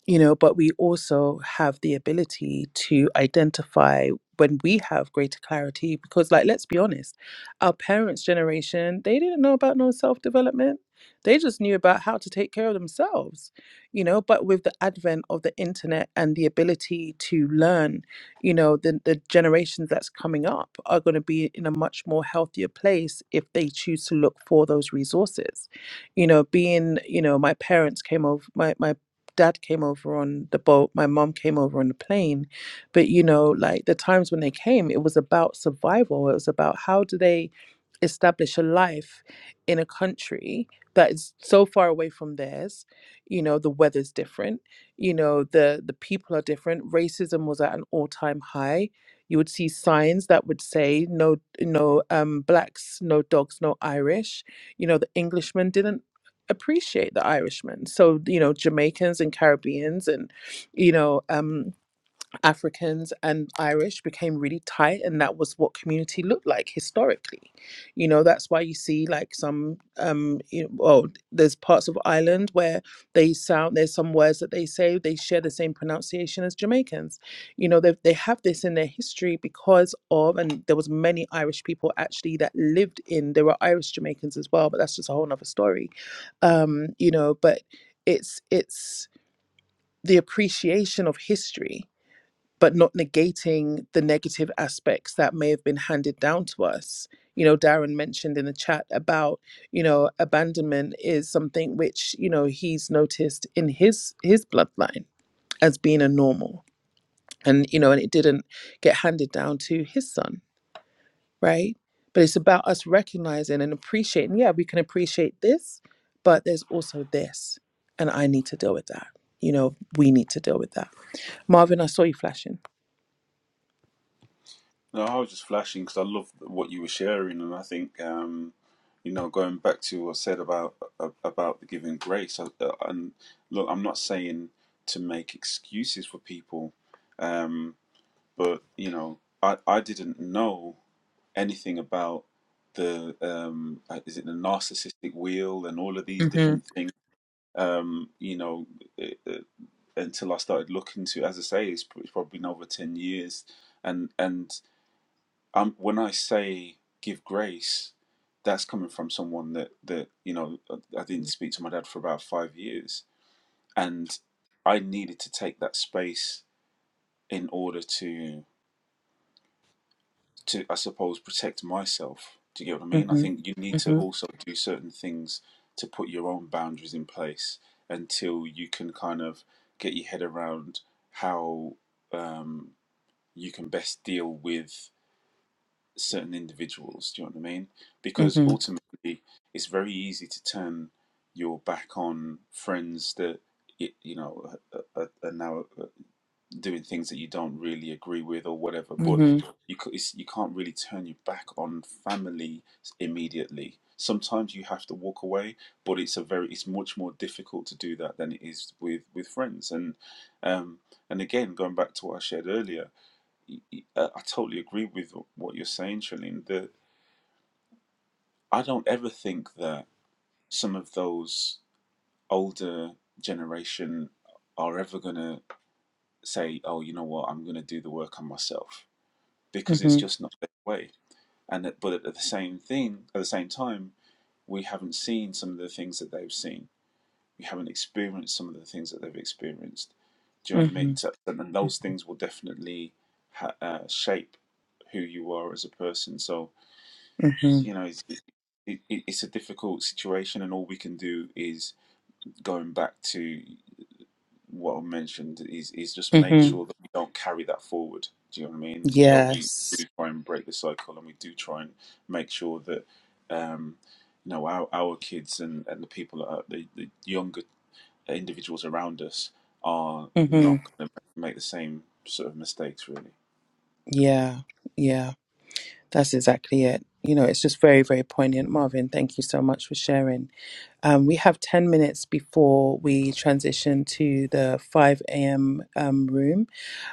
you know but we also have the ability to identify when we have greater clarity because like let's be honest our parents generation they didn't know about no self development they just knew about how to take care of themselves you know but with the advent of the internet and the ability to learn you know the, the generations that's coming up are going to be in a much more healthier place if they choose to look for those resources you know being you know my parents came over my, my dad came over on the boat, my mom came over on the plane. But you know, like the times when they came, it was about survival. It was about how do they establish a life in a country that is so far away from theirs. You know, the weather's different, you know, the the people are different. Racism was at an all-time high. You would see signs that would say no no um blacks, no dogs, no Irish. You know, the Englishmen didn't appreciate the Irishman. So, you know, Jamaicans and Caribbeans and, you know, um, Africans and Irish became really tight, and that was what community looked like historically. You know, that's why you see like some, um, you know, well, there's parts of Ireland where they sound there's some words that they say they share the same pronunciation as Jamaicans. You know, they they have this in their history because of, and there was many Irish people actually that lived in. There were Irish Jamaicans as well, but that's just a whole nother story. Um, you know, but it's it's the appreciation of history but not negating the negative aspects that may have been handed down to us. You know, Darren mentioned in the chat about, you know, abandonment is something which, you know, he's noticed in his his bloodline as being a normal. And, you know, and it didn't get handed down to his son, right? But it's about us recognizing and appreciating, yeah, we can appreciate this, but there's also this. And I need to deal with that. You know, we need to deal with that. Marvin, I saw you flashing.
No, I was just flashing because I love what you were sharing, and I think um, you know going back to what I said about uh, about the giving grace. I, uh, and look, I'm not saying to make excuses for people, um, but you know, I I didn't know anything about the um uh, is it the narcissistic wheel and all of these
Mhm.
different things um you know uh, uh, until i started looking to as i say it's, it's probably been over 10 years and and um, when I say give grace, that's coming from someone that that you know I didn't speak to my dad for about five years, and I needed to take that space in order to to I suppose protect myself. Do you get what I mean? I
Mhm.
think you need to
Mhm.
also do certain things to put your own boundaries in place until you can kind of get your head around how um, you can best deal with certain individuals. Do you know what I mean? Because
Mhm.
ultimately, it's very easy to turn your back on friends that it, you know are, are are now uh, doing things that you don't really agree with or whatever. But
Mhm.
you c- it's, you can't really turn your back on family immediately. Sometimes you have to walk away, but it's a very it's much more difficult to do that than it is with with friends. And um, and again, going back to what I shared earlier y- y- uh, I totally agree with wh- what you're saying, Trillian. That I don't ever think that some of those older generation are ever gonna say, "Oh, you know what? I'm gonna do the work on myself," because it's
Mhm.
just not their way. And that- but at the same thing, at the same time, we haven't seen some of the things that they've seen. We haven't experienced some of the things that they've experienced. Do you know what I mean?
Mhm.
So, and then those things will definitely ha- uh, shape who you are as a person. So
Mhm.
you know, it's, it, it, it's a difficult situation, and all we can do is going back to what I mentioned is is just make
Mhm.
sure that we don't carry that forward. Do you know what I mean? And we don't we
Yes.
do try and break the cycle, and we do try and make sure that um, you know our our kids and and the people that are, the the younger individuals around us are not
Mhm.
going to make the same sort of mistakes, really.
Yeah. Yeah. That's exactly it. You know, it's just very, very poignant, Marvin. Thank you so much for sharing. Um, we have 10 minutes before we transition to the 5 a.m. Um, room.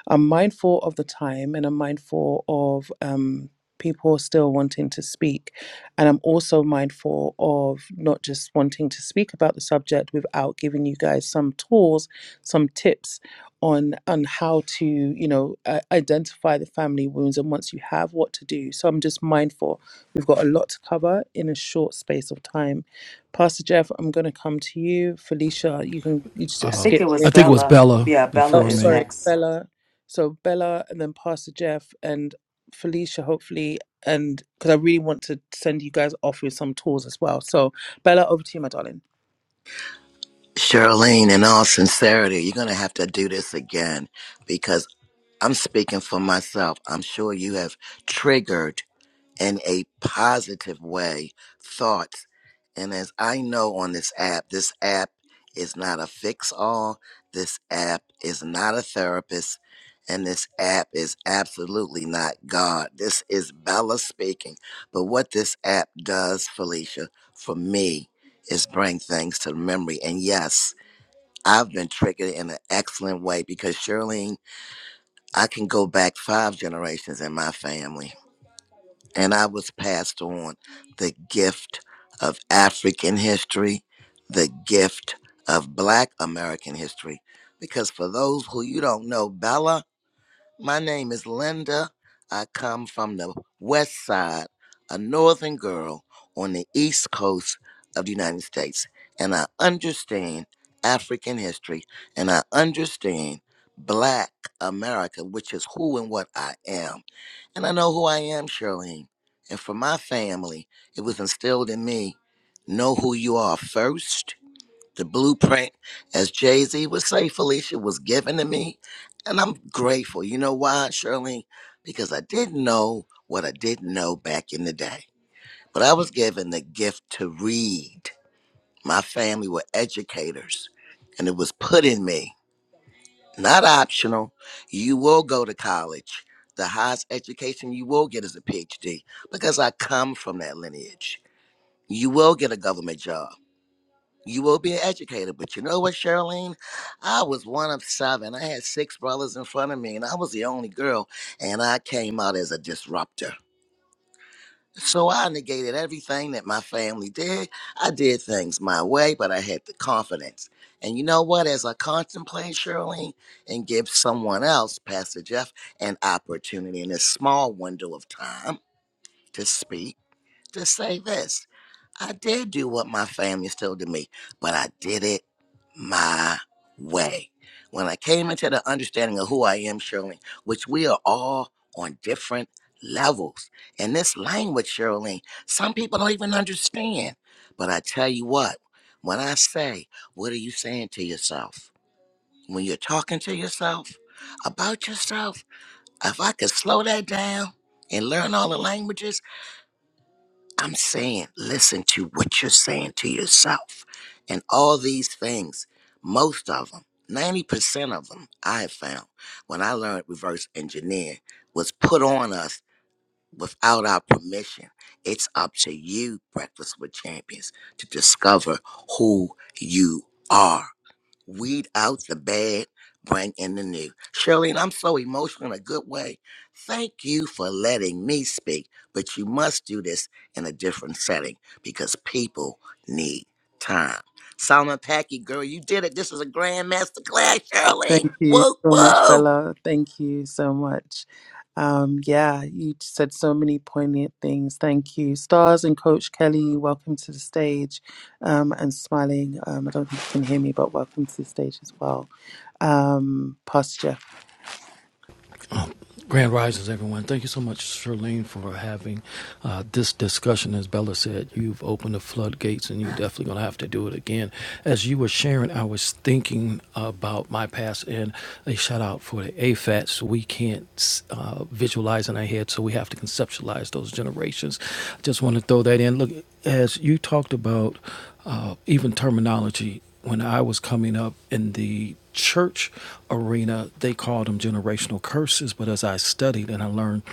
I'm mindful of the time and I'm mindful of um, people still wanting to speak. And I'm also mindful of not just wanting to speak about the subject without giving you guys some tools, some tips on on how to you know uh, identify the family wounds and once you have what to do so i'm just mindful We've got a lot to cover in a short space of time. Pastor Jeff, I'm going to come to you. Felicia, you can you
I
just
Uh,
think
skip.
it
In.
was
I think it was
Bella.
Bella
Yeah, Bella
Oh,
before
is
me.
sorry,
next.
Bella. So Bella, and then Pastor Jeff and Felicia, hopefully, and because I really want to send you guys off with some tools as well. So Bella, over to you, my darling.
Charlene, in all sincerity, you're going to have to do this again because I'm speaking for myself. I'm sure you have triggered in a positive way thoughts. And as I know on this app, this app is not a fix all, this app is not a therapist, and this app is absolutely not God. This is Bella speaking. But what this app does, Felicia, for me, is bring things to memory. And yes, I've been triggered in an excellent way because Shirley, I can go back five generations in my family, and I was passed on the gift of African history, the gift of Black American history. Because for those who you don't know, Bella my name is Linda. I come from the west side, a northern girl on the east coast of the United States. And I understand African history and I understand Black America, which is who and what I am. And I know who I am, Charlene. And for my family, it was instilled in me know who you are first the blueprint, as Jay Z would say, Felicia, was given to me. And I'm grateful. You know why, Shirley? Because I didn't know what I didn't know back in the day. But I was given the gift to read. My family were educators, and it was put in me, not optional. You will go to college. The highest education you will get is a PhD because I come from that lineage. You will get a government job you will be an educator. But you know what, Charlene? I was one of seven. I had six brothers in front of me, and I was the only girl, and I came out as a disruptor. So I negated everything that my family did. I did things my way, but I had the confidence. And you know what? As I contemplate, Charlene, and give someone else, Pastor Jeff, an opportunity in a small window of time to speak, to say this. I did do what my family told to me, but I did it my way. When I came into the understanding of who I am, Shirley, which we are all on different levels. And this language, Shirley, some people don't even understand. But I tell you what, when I say, what are you saying to yourself? When you're talking to yourself about yourself, if I could slow that down and learn all the languages, I'm saying, listen to what you're saying to yourself. And all these things, most of them, 90% of them, I have found when I learned reverse engineer was put on us without our permission. It's up to you, Breakfast with Champions, to discover who you are weed out the bad, bring in the new. Shirley, I'm so emotional in a good way. Thank you for letting me speak, but you must do this in a different setting because people need time. Solomon Packy, girl, you did it. This is a grand master class, Shirley.
Thank you
Whoa,
so much,
whoa.
Bella. Thank you so much. Um, yeah, you said so many poignant things. Thank you, Stars and Coach Kelly. Welcome to the stage, um, and smiling. Um, I don't think you can hear me, but welcome to the stage as well. Um, Pastor Jeff.
Oh, Grand Rises, everyone. Thank you so much, Charlene, for having uh, this discussion. As Bella said, you've opened the floodgates and you're definitely going to have to do it again. As you were sharing, I was thinking about my past and a shout out for the AFATs. We can't uh, visualize in our head, so we have to conceptualize those generations. Just want to throw that in. Look, as you talked about uh, even terminology, when I was coming up in the church arena, they called them generational curses. But as I studied and I learned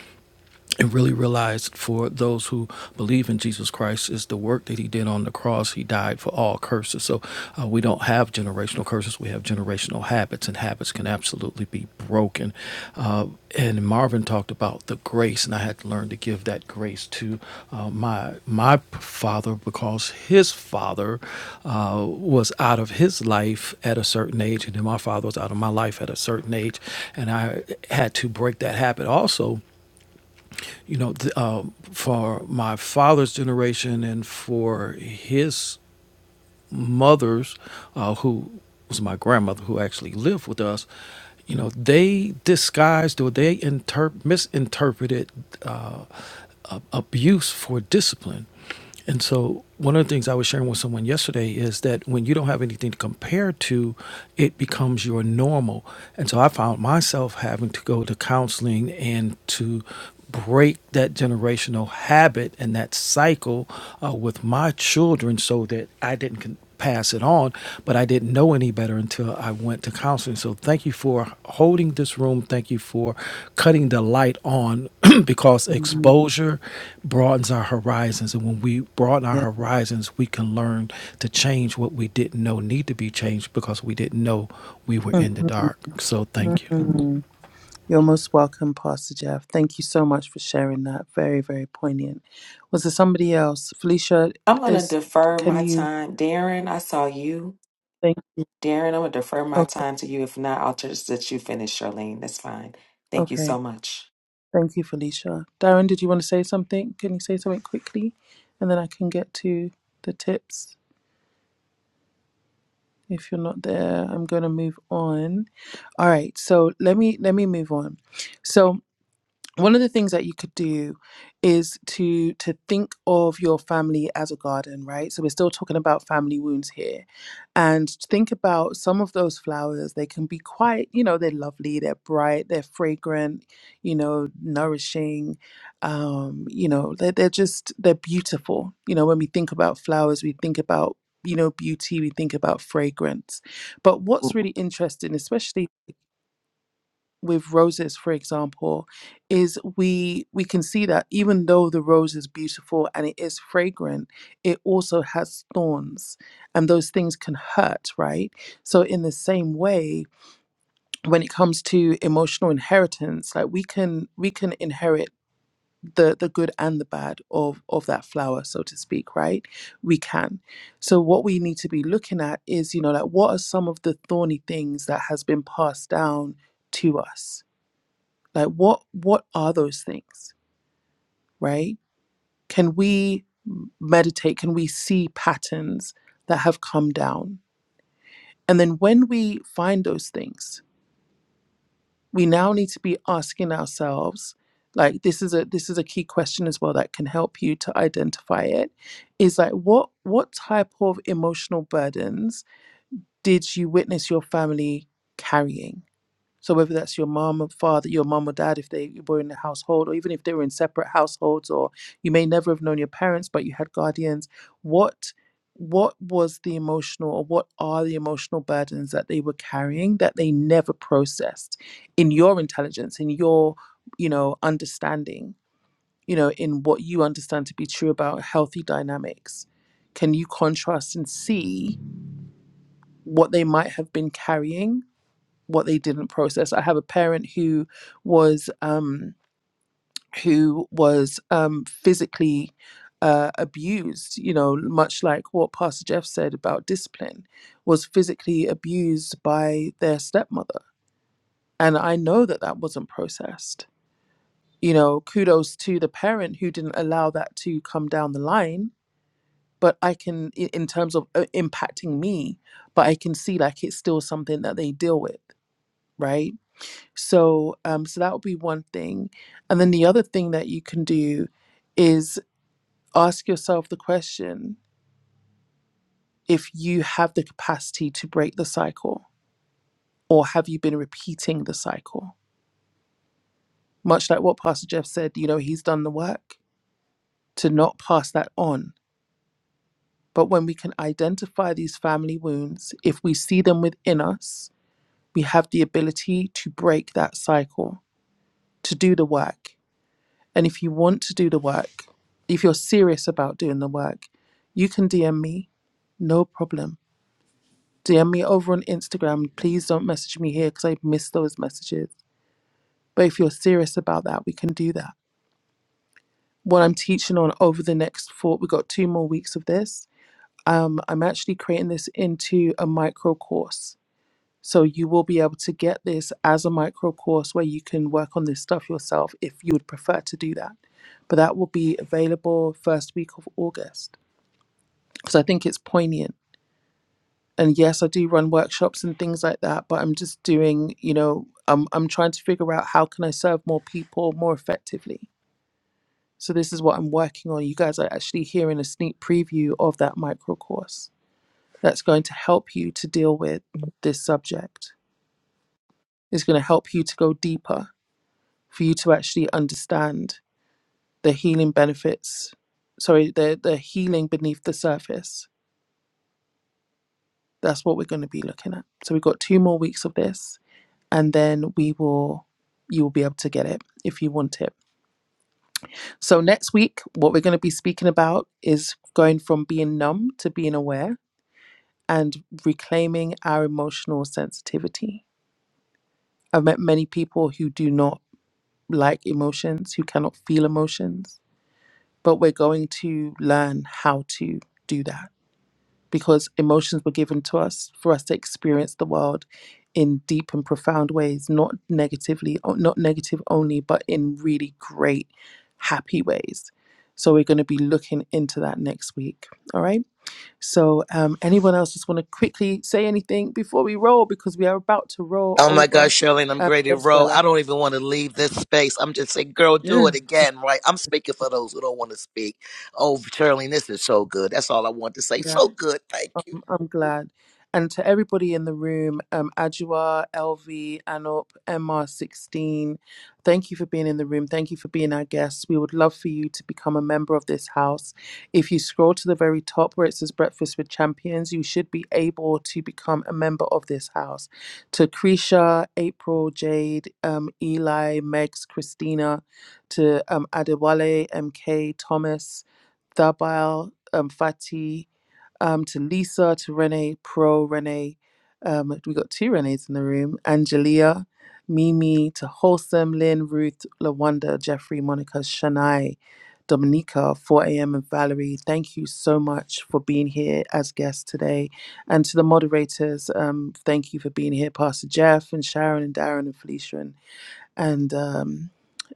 and really realized for those who believe in Jesus Christ is the work that he did on the cross. He died for all curses. So uh, we don't have generational curses. We have generational habits, and habits can absolutely be broken. Uh, and Marvin talked about the grace, and I had to learn to give that grace to uh, my my father because his father uh, was out of his life at a certain age, and then my father was out of my life at a certain age, and I had to break that habit also you know, th- uh, for my father's generation and for his mother's, uh, who was my grandmother, who actually lived with us, you know, they disguised or they interp- misinterpreted. Uh, abuse for discipline. And so, one of the things I was sharing with someone yesterday is that when you don't have anything to compare to, it becomes your normal. And so, I found myself having to go to counseling and to break that generational habit and that cycle uh, with my children so that I didn't. Con- pass it on, but I didn't know any better until I went to counseling. So thank you for holding this room. Thank you for cutting the light on <clears throat> because
Mhm.
exposure broadens our horizons. And when we broaden our
Yeah.
horizons, we can learn to change what we didn't know need to be changed because we didn't know we were in the
Mhm.
dark. So thank you.
Mhm. You're most welcome, Pastor Jeff. Thank you so much for sharing that. Very, very poignant. Was there somebody else? Felicia,
I'm gonna
is
defer
can
my
you?
time. Darren, I saw you.
Thank you.
Darren, I'm gonna defer my
Okay,
time to you. If not, I'll just let you finish, Charlene. That's fine. Thank you so
okay.
much.
Thank you, Felicia. Darren, did you want to say something? Can you say something quickly, and then I can get to the tips. If you're not there, I'm going to move on. All right. So let me let me move on. So. one of the things that you could do is to to think of your family as a garden right so we're still talking about family wounds here and think about some of those flowers they can be quite you know they're lovely they're bright they're fragrant you know nourishing um you know they're, they're just they're beautiful you know when we think about flowers we think about you know beauty we think about fragrance but what's really interesting especially with roses for example is we we can see that even though the rose is beautiful and it is fragrant it also has thorns and those things can hurt right so in the same way when it comes to emotional inheritance like we can we can inherit the the good and the bad of of that flower so to speak right we can so what we need to be looking at is you know like what are some of the thorny things that has been passed down to us like what what are those things right can we meditate can we see patterns that have come down and then when we find those things we now need to be asking ourselves like this is a this is a key question as well that can help you to identify it is like what what type of emotional burdens did you witness your family carrying So whether that's your mom or father, your mom or dad, if they were in the household, or even if they were in separate households, or you may never have known your parents, but you had guardians, what what was the emotional or what are the emotional burdens that they were carrying that they never processed in your intelligence, in your, you know, understanding, you know, in what you understand to be true about healthy dynamics? Can you contrast and see what they might have been carrying what they didn't process. I have a parent who was um, who was um, physically uh, abused. You know, much like what Pastor Jeff said about discipline, was physically abused by their stepmother, and I know that that wasn't processed. You know, kudos to the parent who didn't allow that to come down the line. But I can, i- in terms of uh, impacting me, but I can see like it's still something that they deal with, right? So, um, so that would be one thing. And then the other thing that you can do is ask yourself the question if you have the capacity to break the cycle, or have you been repeating the cycle? Much like what Pastor Jeff said, you know, he's done the work to not pass that on. But when we can identify these family wounds, if we see them within us, we have the ability to break that cycle, to do the work And if you want to do the work, if you're serious about doing the work, you can DM me, no problem. DM me over on Instagram. Please don't message me here because I miss those messages. But if you're serious about that, we can do that. What I'm teaching on over the next four, we've got two more weeks of this. Um, I'm actually creating this into a micro course So you will be able to get this as a micro course where you can work on this stuff yourself if you would prefer to do that. But that will be available first week of August because I think it's poignant. And yes, I do run workshops and things like that, but I'm just doing, you know, I'm I'm trying to figure out how can I serve more people more effectively. So this is what I'm working on. You guys are actually hearing a sneak preview of that micro course that's going to help you to deal with this subject. It's going to help you to go deeper for you to actually understand the healing benefits sorry the the healing beneath the surface that's what we're going to be looking at so we've got two more weeks of this and then we will you will be able to get it if you want it so next week what we're going to be speaking about is going from being numb to being aware and reclaiming our emotional sensitivity i've met many people who do not like emotions who cannot feel emotions but we're going to learn how to do that because emotions were given to us for us to experience the world in deep and profound ways not negatively not negative only but in really great happy ways so we're going to be looking into that next week all right so um, anyone else just want to quickly say anything before we roll because we are about to roll
Oh my gosh,
over
Shirley, I'm
um,
Grady Rowe.
yes bella
I don't even want to leave this space. I'm just saying, girl, do it
yeah
again, right? I'm speaking for those who don't want to speak. Oh, Shirley, this is so good. That's all I want to say.
Yeah.
So good. Thank you.
Um, I'm glad. And to everybody in the room, um, Ajua, LV, Anup, MR16, thank you for being in the room. Thank you for being our guests. We would love for you to become a member of this house. If you scroll to the very top where it says Breakfast with Champions, you should be able to become a member of this house. To Krisha, April, Jade, um, Eli, Megs, Christina, to um, Adewale, MK, Thomas, Thabile, um, Fati um, to Lisa, to Renee, Pro, Renee. Um, we got two Renees in the room Angelia, Mimi, to Wholesome, Lynn, Ruth, Lawanda, Jeffrey, Monica, Shania, Dominica, 4am, and Valerie. Thank you so much for being here as guests today. And to the moderators, um, thank you for being here, Pastor Jeff, and Sharon, and Darren, and Felicia, and, and um,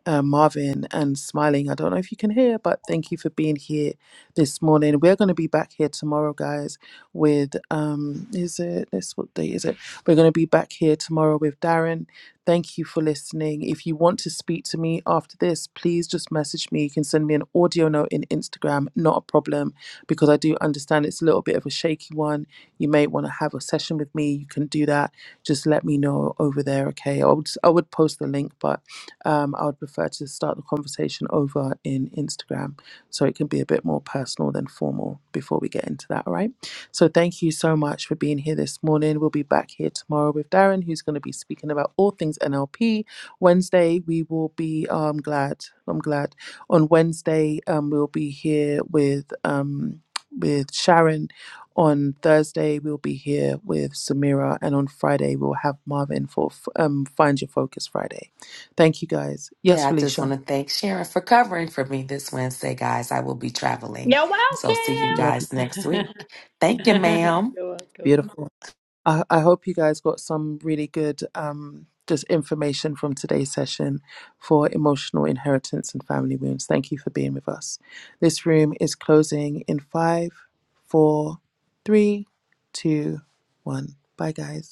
uh, Marvin and Smiling. I don't know if you can hear, but thank you for being here this morning. We're going to be back here tomorrow, guys. With um, is it this what day is it? We're going to be back here tomorrow with Darren Thank you for listening. If you want to speak to me after this, please just message me. You can send me an audio note in Instagram, not a problem, because I do understand it's a little bit of a shaky one. You may want to have a session with me. You can do that. Just let me know over there, okay? I would, I would post the link, but um, I would prefer to start the conversation over in Instagram so it can be a bit more personal than formal before we get into that, all right? So thank you so much for being here this morning. We'll be back here tomorrow with Darren, who's going to be speaking about all things NLP. Wednesday, we will be. oh, I'm glad. I'm glad. On Wednesday, um, we'll be here with um, with Sharon. On Thursday, we'll be here with Samira, and on Friday, we'll have Marvin for um, Find Your Focus Friday. Thank you, guys. Yes,
Yeah, I just want
Felicia.
to thank Sharon for covering for me this Wednesday, guys. I will be traveling.
You're
So see you
Love you.
guys next
welcome.
week. Thank you, ma'am.
<laughs> You're welcome.
Beautiful. I, I hope you guys got some really good um, just information from today's session for emotional inheritance and family wounds. Thank you for being with us. This room is closing in five, four, three, two, one. Bye, guys.